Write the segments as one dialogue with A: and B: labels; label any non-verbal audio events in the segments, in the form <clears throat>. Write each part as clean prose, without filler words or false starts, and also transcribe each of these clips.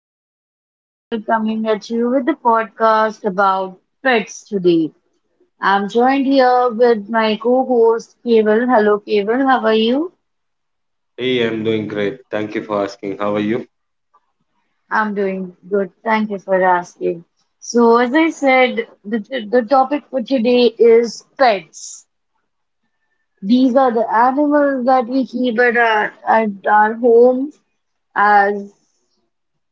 A: host Kumar coming at you with the podcast about pets today. I'm joined here with my co-host Keval. Hello Keval, how are you?
B: Hey, I'm doing great. Thank you for asking. How are you?
A: I'm doing good. Thank you for asking. So as I said, the topic for today is pets. These are the animals that we keep at our home as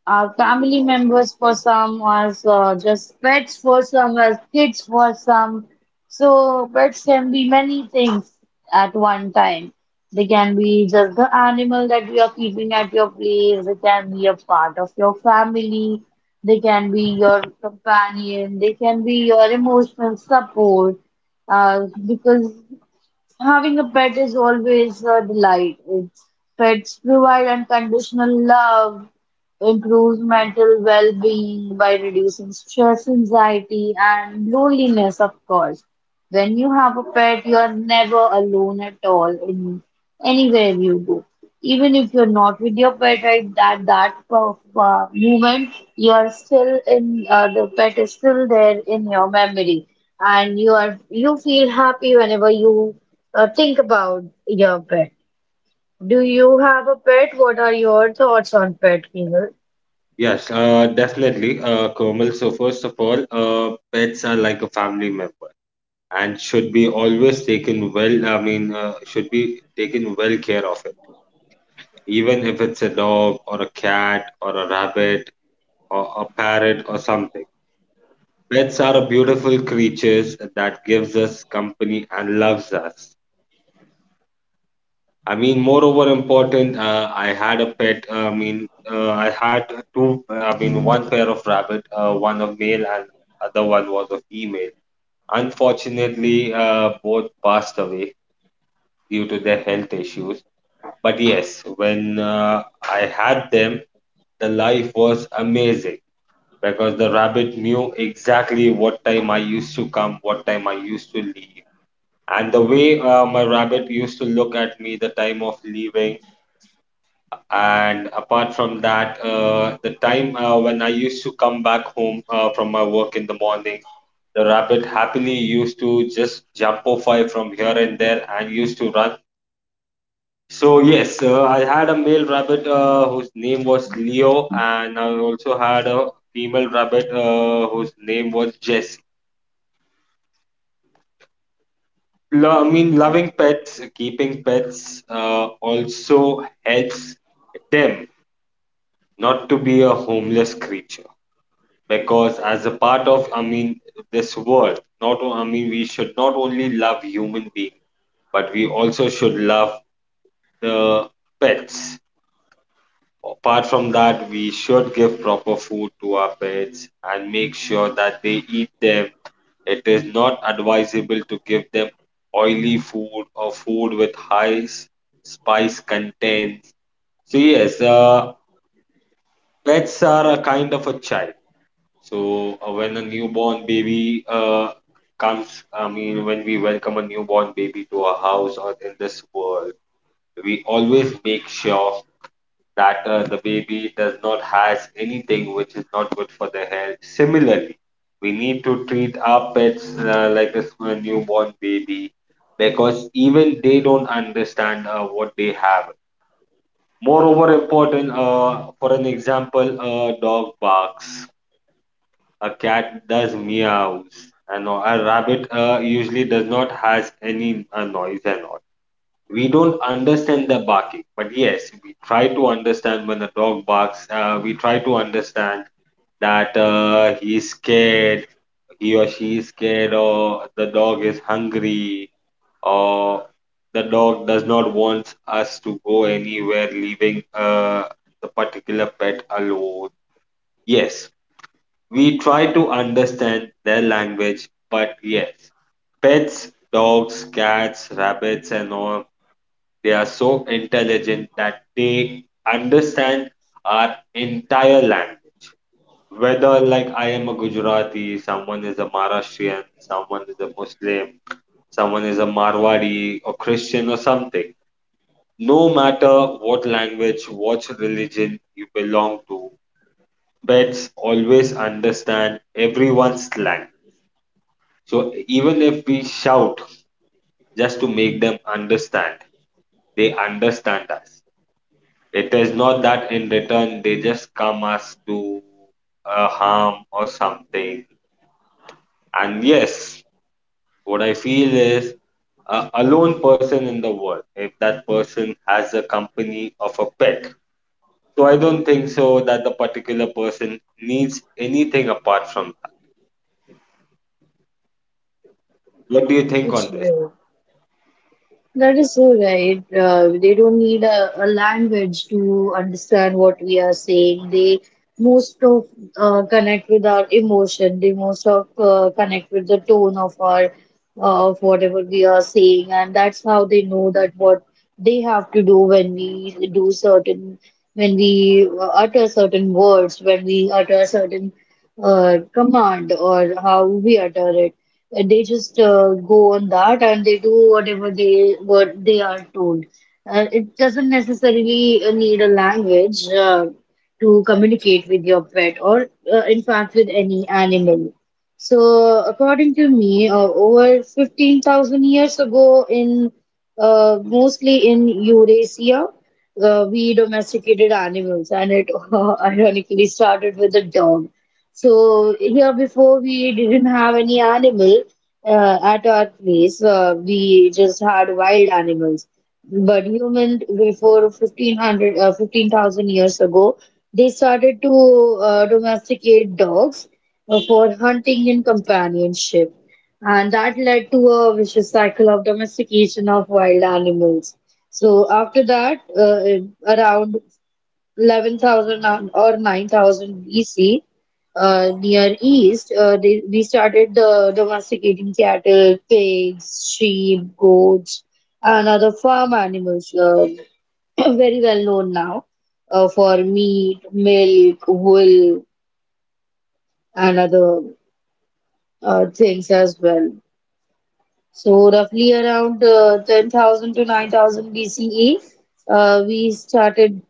A: Family members for some, or just pets for some, or kids for some. So pets can be many things at one time. They can be just the animal that you are keeping at your place. They can be a part of your family. They can be your companion. They can be your emotional support. Because Having a pet is always a delight. Pets provide unconditional love, improves mental well-being by reducing stress, anxiety, and loneliness, of course. When you have a pet, you are never alone at all in anywhere you go. Even if you're not with your pet right moment, you are still in the pet is still there in your memory, and you feel happy whenever you think about your pet. Do you have a pet? What are your thoughts on pet, Kinger?
B: Yes, definitely, Komal. So first of all, pets are like a family member and should be always taken well. I mean, should be taken well care of it, even if it's a dog or a cat or a rabbit or a parrot or something. Pets are a beautiful creatures that gives us company and loves us. I mean, moreover important, I had a pet. I mean, I had two. I mean, one pair of rabbit. One of male and other one was a female. Unfortunately, both passed away due to their health issues. But yes, when I had them, the life was amazing because the rabbit knew exactly what time I used to come, what time I used to leave. And the way my rabbit used to look at me the time of leaving. And apart from that, the time when I used to come back home from my work in the morning, the rabbit happily used to just jump off I from here and there and used to run. So yes, I had a male rabbit whose name was Leo, and I also had a female rabbit whose name was Jessie. I mean, loving pets, keeping pets also helps them not to be a homeless creature. Because as a part of, I mean, this world, not I mean, we should not only love human beings, but we also should love the pets. Apart from that, we should give proper food to our pets and make sure that they eat them. It is not advisable to give them oily food or food with high spice contents. So yes, pets are a kind of a child. So when a newborn baby comes, I mean, when we welcome a newborn baby to our house or in this world, we always make sure that the baby does not has anything which is not good for their health. Similarly, we need to treat our pets like a a newborn baby because even they don't understand what they have. Moreover, important, for an example, a dog barks, a cat does meows and all. A rabbit usually does not has any noise and all. We don't understand the barking, but yes, we try to understand. When a dog barks, we try to understand that he is scared, he or she is scared, or the dog is hungry, or the dog does not want us to go anywhere, leaving the particular pet alone. Yes, we try to understand their language, but yes, pets, dogs, cats, rabbits, and all, they are so intelligent that they understand our entire language. Whether, like, I am a Gujarati, someone is a Maharashtrian, someone is a Muslim, someone is a Marwadi or Christian or something. No matter what language, what religion you belong to, pets always understand everyone's language. So even if we shout just to make them understand, they understand us. It is not that in return they just come us to harm or something. And yes, what I feel is a alone person in the world, if that person has a company of a pet. So I don't think so that the particular person needs anything apart from that. What do you think
A: It's
B: on this?
A: great. That is so right. They don't need a language to understand what we are saying. They most of connect with our emotion. They most of connect with the tone of our of whatever we are saying, and that's how they know that what they have to do when we do certain when we utter certain words, when we utter certain command or how we utter it. They just go on that and they do what they are told. It doesn't necessarily need a language to communicate with your pet or, in fact, with any animal. So, according to me, over 15,000 years ago, in mostly in Eurasia, we domesticated animals, and it <laughs> ironically started with a dog. So here before we didn't have any animal at our place. We just had wild animals. But human before 15,000 years ago, they started to domesticate dogs for hunting and companionship. And that led to a vicious cycle of domestication of wild animals. So after that, around 11,000 or 9,000 BC, near East, we started the domesticating cattle, pigs, sheep, goats, and other farm animals, <clears throat> very well known now, for meat, milk, wool, and other things as well. So roughly around 10,000 to 9,000 BCE, we started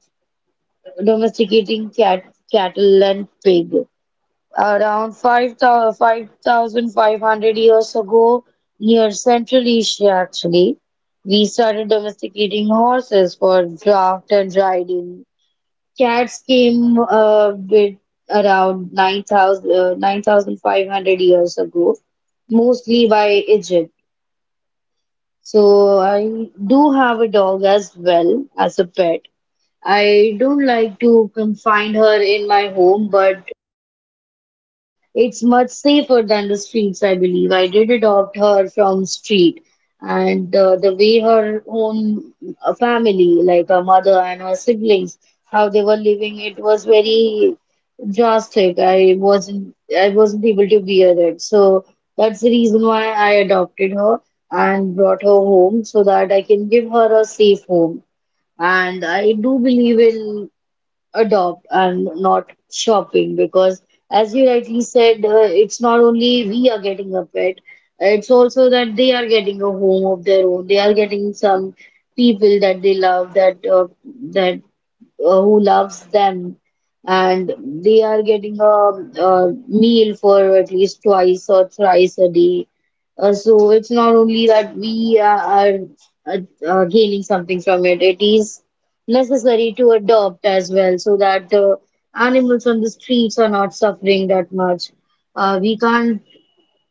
A: domesticating cat, cattle and pig. Around 5,000 5,500 years ago, near Central Asia actually, we started domesticating horses for draft and riding. Cats came with around 9,500 years ago, mostly by Egypt. So I do have a dog as well as a pet. I don't like to confine her in my home, but it's much safer than the streets, I believe. I did adopt her from street, and the way her own family, like her mother and her siblings, how they were living, it was very drastic. I wasn't able to bear it. So that's the reason why I adopted her and brought her home so that I can give her a safe home. And I do believe in adopt and not shopping because as you rightly said it's not only we are getting a pet, it's also that they are getting a home of their own, they are getting some people that they love, that that who loves them, and they are getting a meal for at least twice or thrice a day. So it's not only that we are uh, gaining something from it, it is necessary to adopt as well so that the animals on the streets are not suffering that much. We can't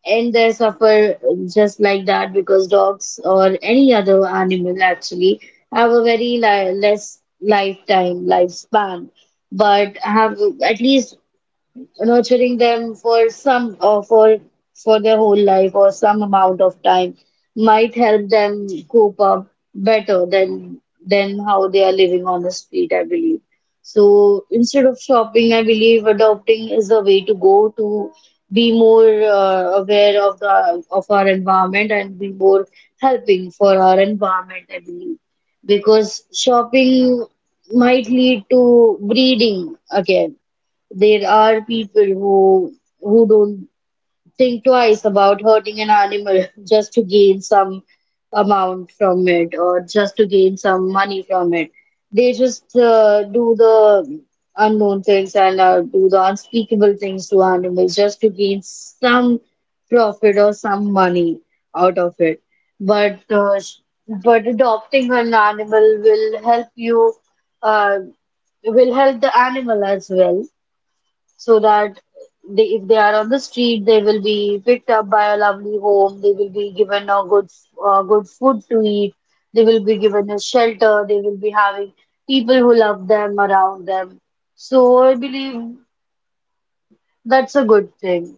A: and they suffer just like that because dogs or any other animal actually have a very li less lifetime lifespan but have at least nurturing them for some or for their whole life or some amount of time might help them cope up better than how they are living on the street, I believe. So instead of shopping, I believe adopting is the way to go, to be more aware of the of our environment and be more helping for our environment, I believe. Because shopping might lead to breeding again. There are people who don't think twice about hurting an animal <laughs> just to gain some amount from it or just to gain some money from it. They just do the unknown things and do the unspeakable things to animals just to gain some profit or some money out of it. But uh, sh- but adopting an animal will help you uh, will help the animal as well, so that they, if they are on the street, they will be picked up by a lovely home. They will be given good food to eat. They will be given a shelter. They will be having people who love them around them. So I believe that's a good thing.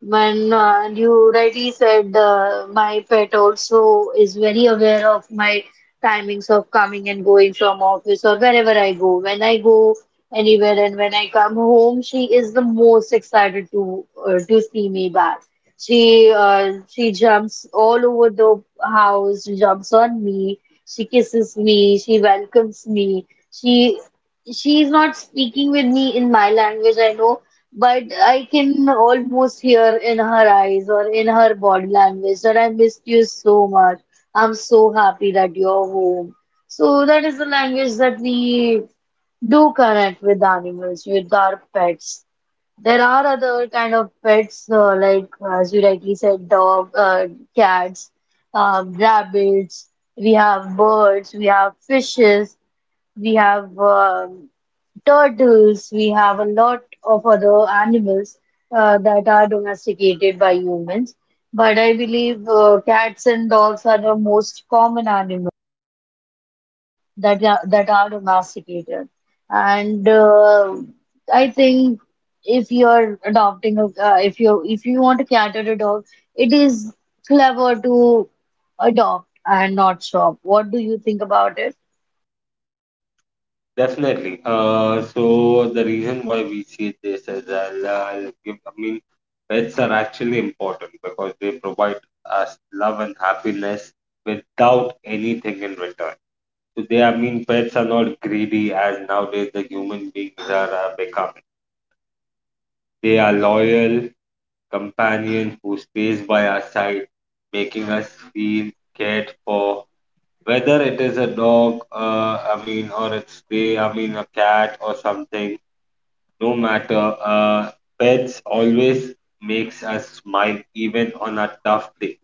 A: When you rightly said, my pet also is very aware of my timings of coming and going from office or wherever I go. When I go anywhere and when I come home, she is the most excited to see me back. She jumps all over the house, she jumps on me, she kisses me, she welcomes me. She's not speaking with me in my language, I know, but I can almost hear in her eyes or in her body language that I missed you so much. I'm so happy that you're home. So that is the language that we do connect with animals, with our pets. There are other kind of pets, like as you rightly said, cats, rabbits. We have birds. We have fishes. We have. Turtles, we have a lot of other animals that are domesticated by humans. But I believe cats and dogs are the most common animals that are domesticated. And I think if you're adopting a, if you want to cat or a dog, it is clever to adopt and not shop. What do you think about it?
B: Definitely. So the reason why we see this as I'll give, I mean, pets are actually important because they provide us love and happiness without anything in return. So they, I mean, pets are not greedy as nowadays the human beings are becoming. They are loyal companion who stays by our side, making us feel cared for. Whether it is a dog, I mean, or it's they, I mean, a cat or something. No matter, pets always makes us smile even on a tough day.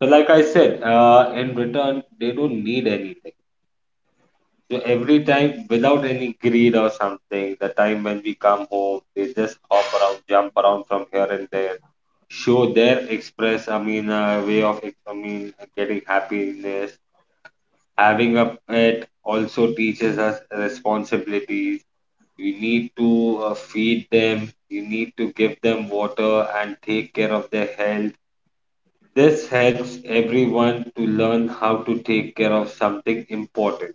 B: So, like I said, in return they don't need anything. So every time, without any greed or something, the time when we come home, they just hop around, jump around from here and there, show their express. I mean, way of I mean, getting happiness. Having a pet also teaches us responsibilities. You need to feed them. You need to give them water and take care of their health. This helps everyone to learn how to take care of something important.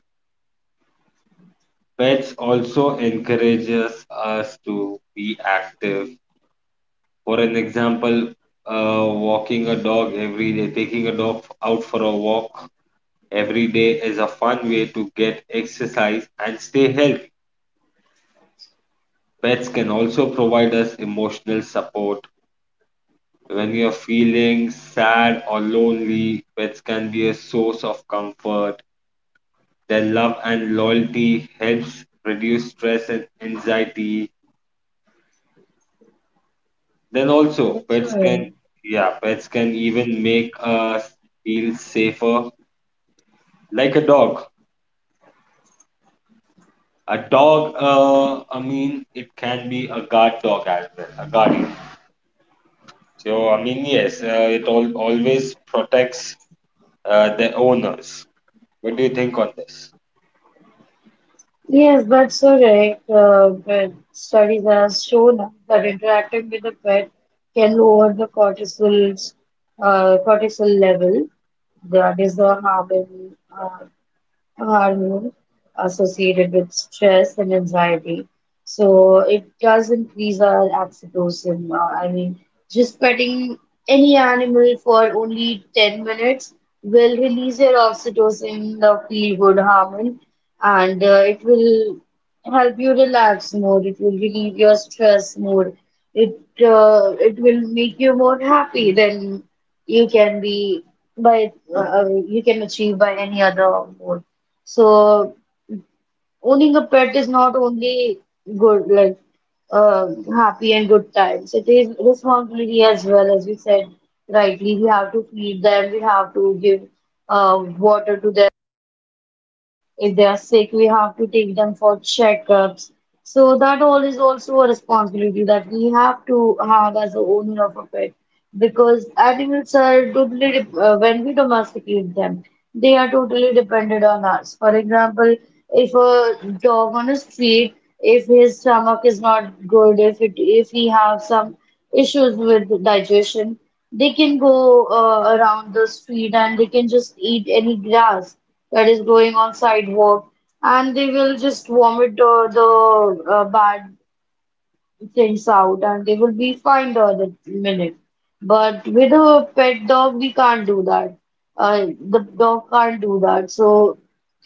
B: Pets also encourages us to be active. For an example, walking a dog every day, taking a dog out for a walk every day, is a fun way to get exercise and stay healthy. Pets can also provide us emotional support. When you're feeling sad or lonely, pets can be a source of comfort. Their love and loyalty helps reduce stress and anxiety. Then also,
A: That's
B: pets can,
A: why.
B: yeah, pets can even make us feel safer, like a dog. A dog, I mean, it can be a guard dog as well, a guardian. So, I mean, yes, it all, always protects the owners. What do you think on this?
A: Yes, that's correct. But studies have shown us that interacting with a pet can lower the cortisol level. That is the hormone hormone associated with stress and anxiety. So it does increase our oxytocin. I mean, just petting any animal for only 10 minutes will release your oxytocin, the feel-good hormone, and it will help you relax more. It will relieve your stress more. It it will make you more happy than you can be you can achieve by any other mode. So owning a pet is not only good, like uh, happy and good times. It is responsibility as well, as we said rightly. We have to feed them. We have to give water to them. If they are sick, we have to take them for checkups. So that all is also a responsibility that we have to have as the owner of a pet because animals are when we domesticate them, they are totally dependent on us. For example, if a dog on a street, if his stomach is not good, if he has some issues with digestion. They can go around the street and they can just eat any grass that is growing on sidewalk, and they will just vomit the bad things out and they will be fine the other minute. But with a pet dog, we can't do that. The dog can't do that. So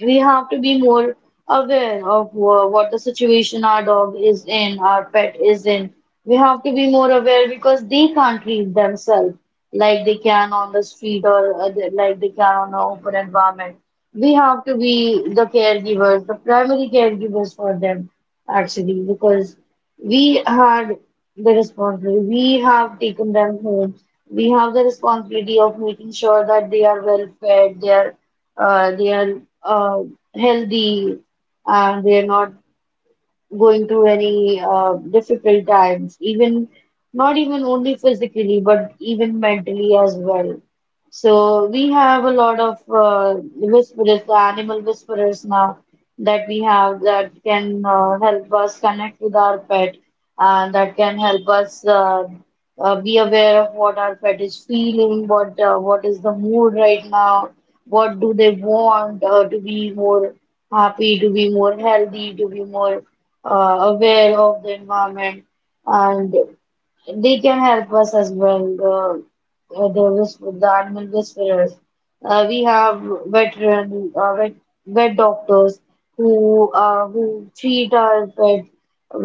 A: we have to be more aware of what the situation our dog is in, our pet is in. We have to be more aware because they can't read themselves like they can on the street or like they can on an open environment. We have to be the caregivers, the primary caregivers for them, actually, because we had the responsibility. We have taken them home. We have the responsibility of making sure that they are well fed, they are healthy, and they are not going through any difficult times, even not even only physically, but even mentally as well. So we have a lot of whisperers, the animal whisperers now that we have that can help us connect with our pet and that can help us. Be aware of what our pet is feeling, what is the mood right now, what do they want to be more happy, to be more healthy, to be more aware of the environment, and they can help us as well. The whisper, the animal whisperers. We have veteran uh, vet, vet doctors who treat our pets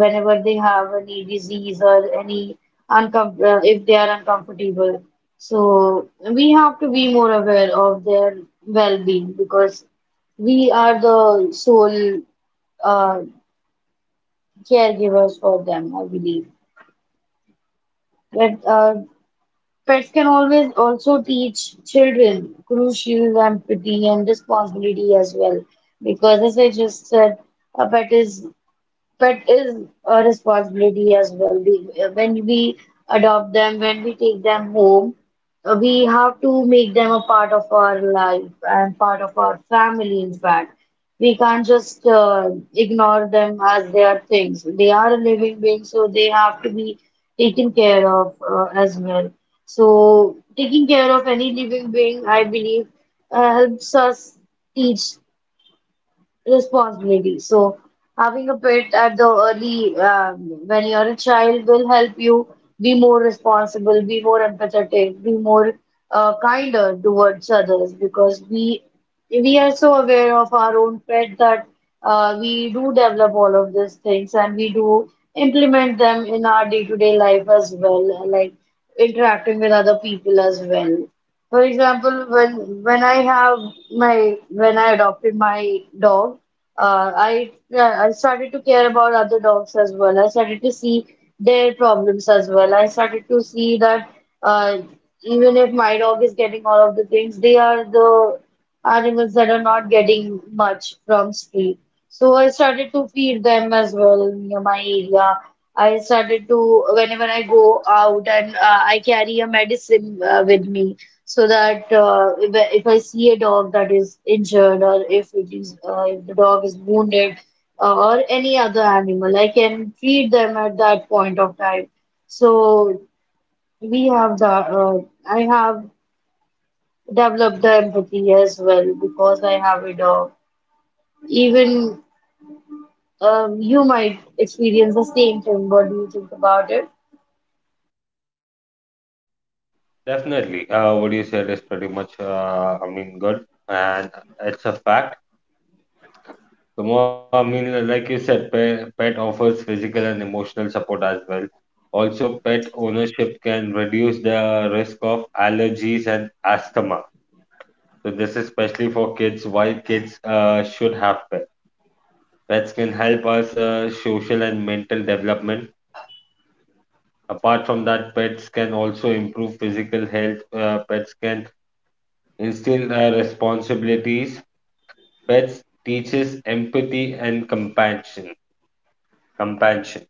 A: whenever they have any disease or any uncom if they are uncomfortable. So we have to be more aware of their well-being because we are the sole uh, caregivers for them, I believe. But Pets can always also teach children crucial empathy and responsibility as well. Because as I just said, a pet is a responsibility as well. When we adopt them, when we take them home, we have to make them a part of our life and part of our family, in fact. We can't just ignore them as they are things. They are a living being, so they have to be taken care of as well. So, taking care of any living being, I believe, helps us teach responsibility. So having a pet at the early when you're a child will help you be more responsible, be more empathetic, be more kinder towards others because we are so aware of our own pet that we do develop all of these things and we do implement them in our day-to-day life as well, like interacting with other people as well. For example, when I adopted my dog, I, yeah, I started to care about other dogs as well. I started to see their problems as well. I started to see that uh, even if my dog is getting all of the things, they are the animals that are not getting much from street. So I started to feed them as well near my area. I started to, whenever I go out, and I carry a medicine with me so that if I see a dog that is injured or if it is, if the dog is wounded or any other animal, I can treat them at that point of time. So we have the, uh, I have develop the empathy as well because I have a dog. Even you might experience the same thing. What do you think about it?
B: Definitely. What you said is pretty much, I mean, good. And it's a fact. The more, I mean, like you said, pet offers physical and emotional support as well. Also, pet ownership can reduce the risk of allergies and asthma. So this is especially for kids. Why kids should have pets. Pets can help us social and mental development. Apart from that, pets can also improve physical health. Pets can instill responsibilities. Pets teaches empathy and compassion. Compassion.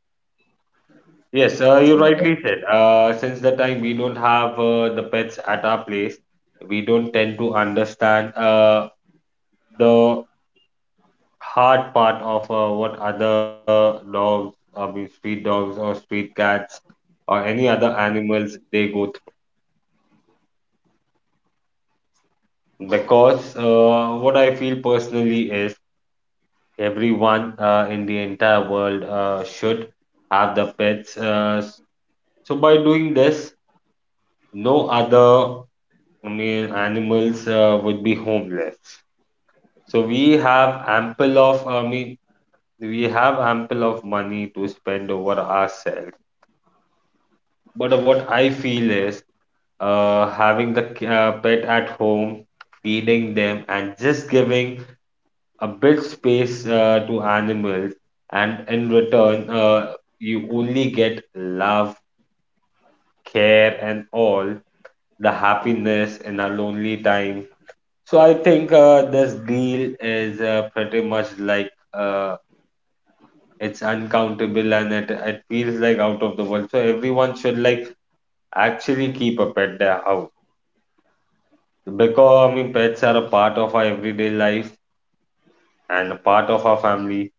B: Yes, you
A: Yeah,
B: rightly said. Since the time we don't have the pets at our place, we don't tend to understand the hard part of what other dogs, I mean, street dogs or street cats or any other animals they go through. Because what I feel personally is everyone in the entire world should have the pets. So by doing this, no other, I mean, animals would be homeless. So we have ample of, I mean, we have ample of money to spend over ourselves. But what I feel is, having the pet at home, feeding them, and just giving a bit space to animals, and in return, you only get love, care, and all the happiness in our lonely times. So I think this deal is pretty much like, it's uncountable and it feels like out of the world. So everyone should like actually keep a pet their house because, I mean, pets are a part of our everyday life and a part of our family.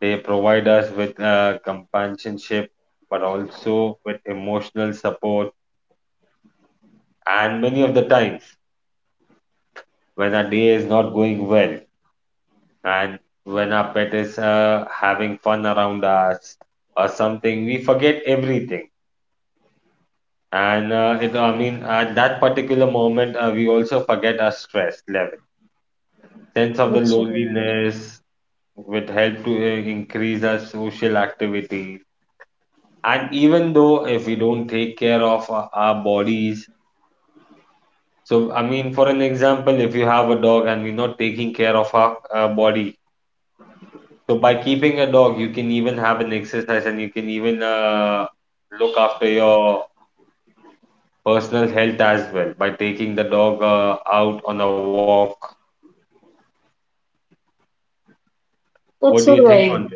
B: They provide us with companionship, but also with emotional support. And many of the times when our day is not going well and when our pet is having fun around us or something, we forget everything, and it, I mean, at that particular moment, we also forget our stress level, sense of the
A: that's all right.
B: loneliness. Would help to increase our social activity, and even though if we don't take care of our bodies. So, I mean, for an example, if you have a dog and we're not taking care of our body. So by keeping a dog, you can even have an exercise and you can even look after your personal health as well by taking the dog out on a walk. What do you
A: That's all
B: think on
A: right.
B: that?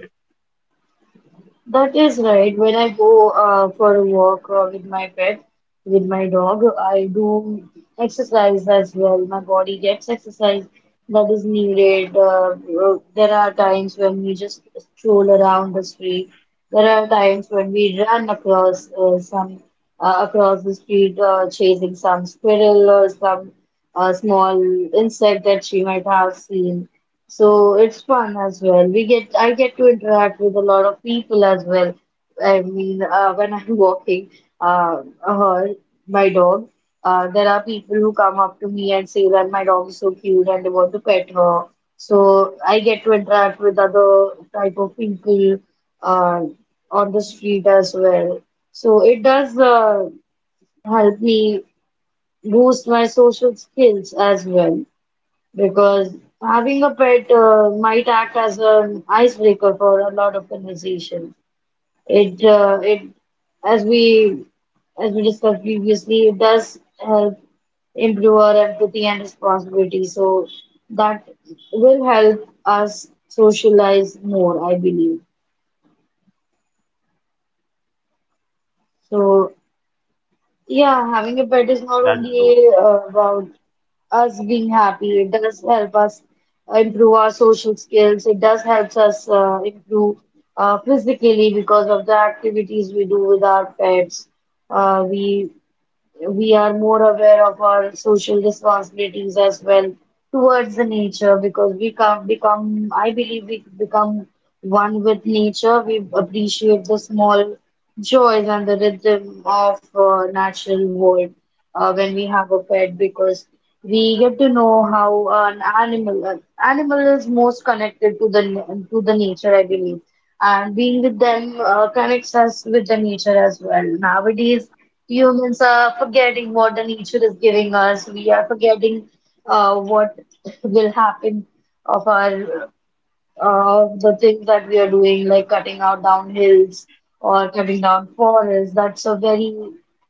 A: That is right. When I go for a walk with my pet, with my dog, I do exercise as well. My body gets exercise that is needed. There are times when we just stroll around the street. There are times when we run across some across the street chasing some squirrel or some a small insect that she might have seen. So it's fun as well. We get I get to interact with a lot of people as well. I mean, when I'm <laughs> walking her, my dog, there are people who come up to me and say that my dog is so cute and they want to pet her. So I get to interact with other type of people uh, on the street as well. So it does help me boost my social skills as well because having a pet might act as an icebreaker for a lot of conversation. It, as we, as we discussed previously, it does help improve our empathy and responsibility. So that will help us socialize more, I believe. So yeah, having a pet is not
B: That's true.
A: only about us being happy. It does help us improve our social skills. It does helps us improve physically because of the activities we do with our pets. Uh, we we are more aware of our social responsibilities as well towards the nature because we come become, I believe, we become one with nature. We appreciate the small joys and the rhythm of natural world when we have a pet because we get to know how an animal is most connected to the, to the nature, I believe, and being with them connects us with the nature as well. Nowadays, humans are forgetting what the nature is giving us. We are forgetting what <laughs> will happen of our, the things that we are doing, like cutting out down hills or cutting down forests. That's a very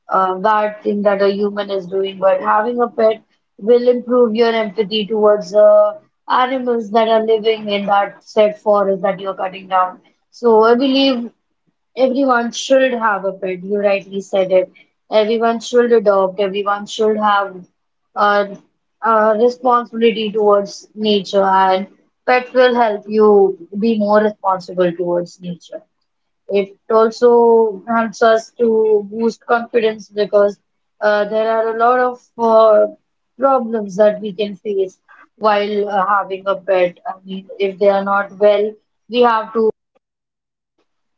A: bad thing that a human is doing. But having a pet will improve your empathy towards the animals that are living in that said forest that you're cutting down. So I believe everyone should have a pet. You rightly said it. Everyone should adopt. Everyone should have a, a responsibility towards nature, and pets will help you be more responsible towards nature. It also helps us to boost confidence because there are a lot of problems that we can face while having a pet. I mean, if they are not well, we have to.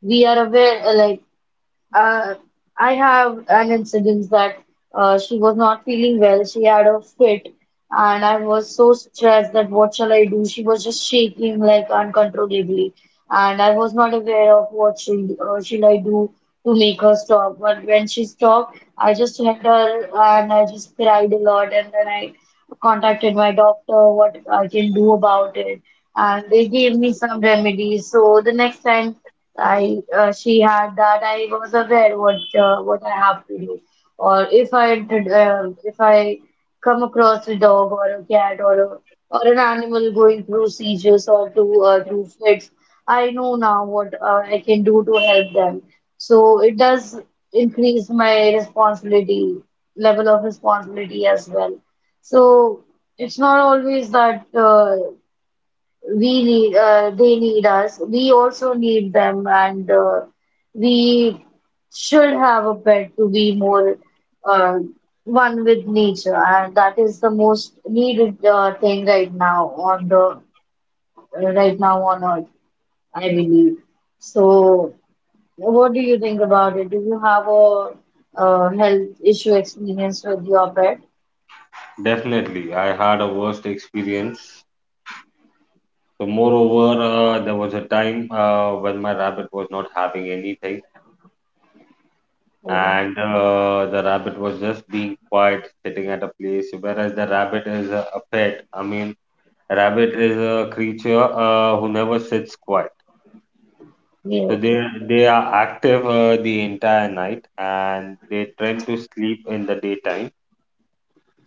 A: We are aware, like, uh, I have an incident that she was not feeling well. She had a fit, and I was so stressed that what shall I do? She was just shaking like uncontrollably, and I was not aware of what should I do to make her stop. But when she stopped, I just held her and I just cried a lot, and then I contacted my doctor what I can do about it, and they gave me some remedies. So the next time I she had that, I was aware what I have to do, or if I did, if I come across a dog or a cat or a, or an animal going through seizures or to through fits, I know now what I can do to help them. So it does increase my responsibility level of responsibility as well. So it's not always that we need they need us, we also need them, and we should have a pet to be more uh, one with nature, and that is the most needed thing right now on earth, I believe. So what do you think about it? Do you have a, uh, health issue experience with your pet?
B: Definitely, I had a worst experience. So moreover, there was a time when my rabbit was not having anything,
A: Okay.
B: and the rabbit was just being quiet, sitting at a place. Whereas the rabbit is a pet. I mean, rabbit is a creature who never sits quiet. So
A: Yes,
B: they are active the entire night and they tend to sleep in the daytime.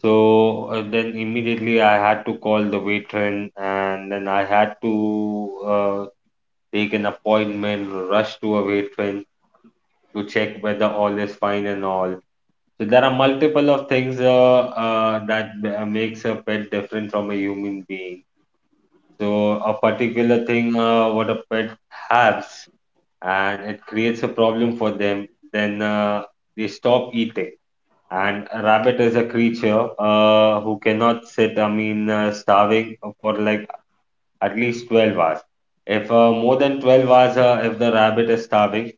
B: So then immediately I had to call the matron and then I had to uh, take an appointment, rush to a matron to check whether all is fine and all. So there are multiple of things that makes a pet different from a human being. So a particular thing what a pet has and it creates a problem for them. Then they stop eating. And a rabbit is a creature who cannot sit, I mean, starving for like at least 12 hours. If more than 12 hours, if the rabbit is starving,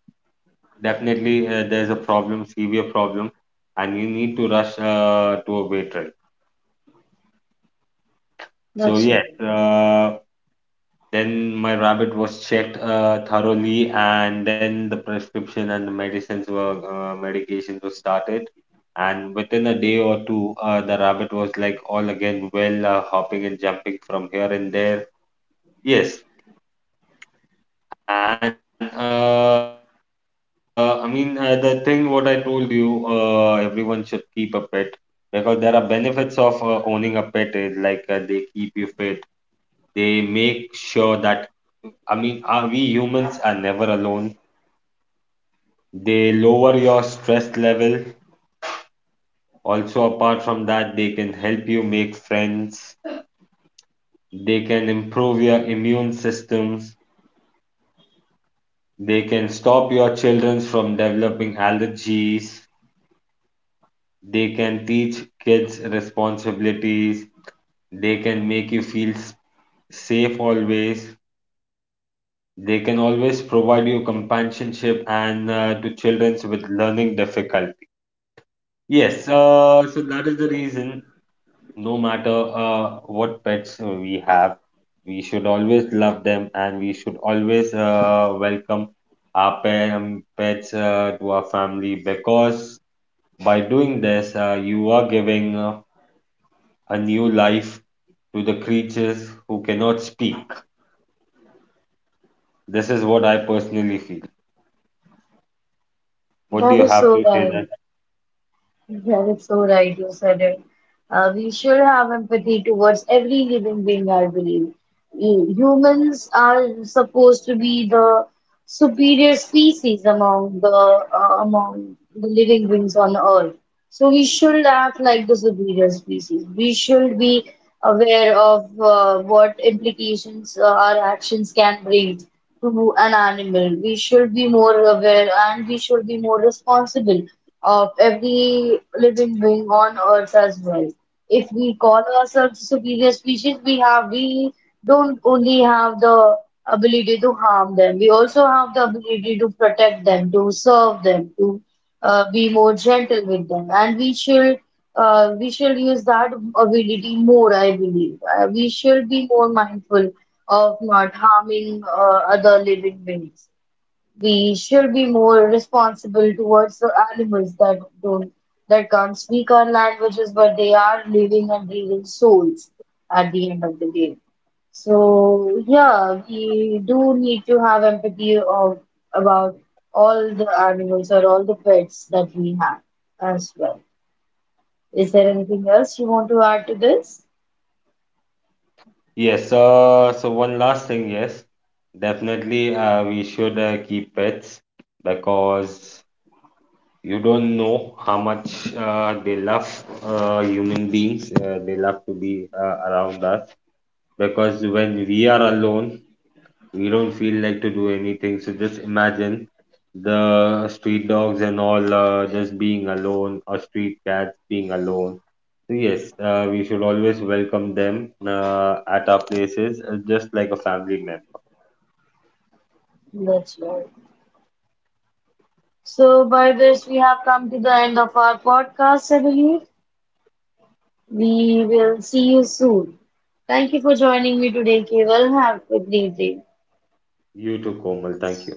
B: definitely there's a problem, severe problem, and you need to rush to a veterinarian. So,
A: that's
B: yes,
A: okay.
B: then my rabbit was checked thoroughly, and then the prescription and the medicines were medications were started. And within a day or two, the rabbit was like all again well, hopping and jumping from here and there. Yes, and I mean, the thing what I told you, everyone should keep a pet because there are benefits of owning a pet is like, they keep you fit. They make sure that, I mean, are we humans are never alone. They lower your stress level. Also, apart from that, they can help you make friends. They can improve your immune systems. They can stop your children from developing allergies. They can teach kids responsibilities. They can make you feel safe always. They can always provide you companionship and to children with learning difficulty. Yes, so that is the reason. No matter what pets we have, we should always love them and we should always welcome our pets to our family because by doing this, you are giving a new life to the creatures who cannot speak. This is what I personally feel. What do
A: That
B: you
A: is
B: have
A: so
B: to say
A: right.
B: then?
A: That is so right, you said it. We should have empathy towards every living being, I believe. Humans are supposed to be the superior species among the, among the living beings on Earth. So we shouldn't act like the superior species. We should be aware of what implications our actions can bring to an animal. We should be more aware and we should be more responsible of every living being on earth as well. If we call ourselves superior species, we don't only have the ability to harm them, we also have the ability to protect them, to serve them, to be more gentle with them, and we should use that ability more. I believe we should be more mindful of not harming other living beings. We should be more responsible towards the animals that don't that can't speak our languages, but they are living and breathing souls at the end of the day. So yeah, we do need to have empathy of, about all the animals or all the pets that we have as well. Is there anything else you want to add to this?
B: Yes, so one last thing, yes, definitely we should keep pets because you don't know how much they love human beings. They love to be around us because when we are alone, we don't feel like to do anything. So just imagine the street dogs and all just being alone or street cats being alone. So yes, we should always welcome them at our places just like a family member.
A: That's right. So by this we have come to the end of our podcast, I believe. We will see you soon. Thank you for joining me today, Keval. Have a great day.
B: You too, Komal. Thank you.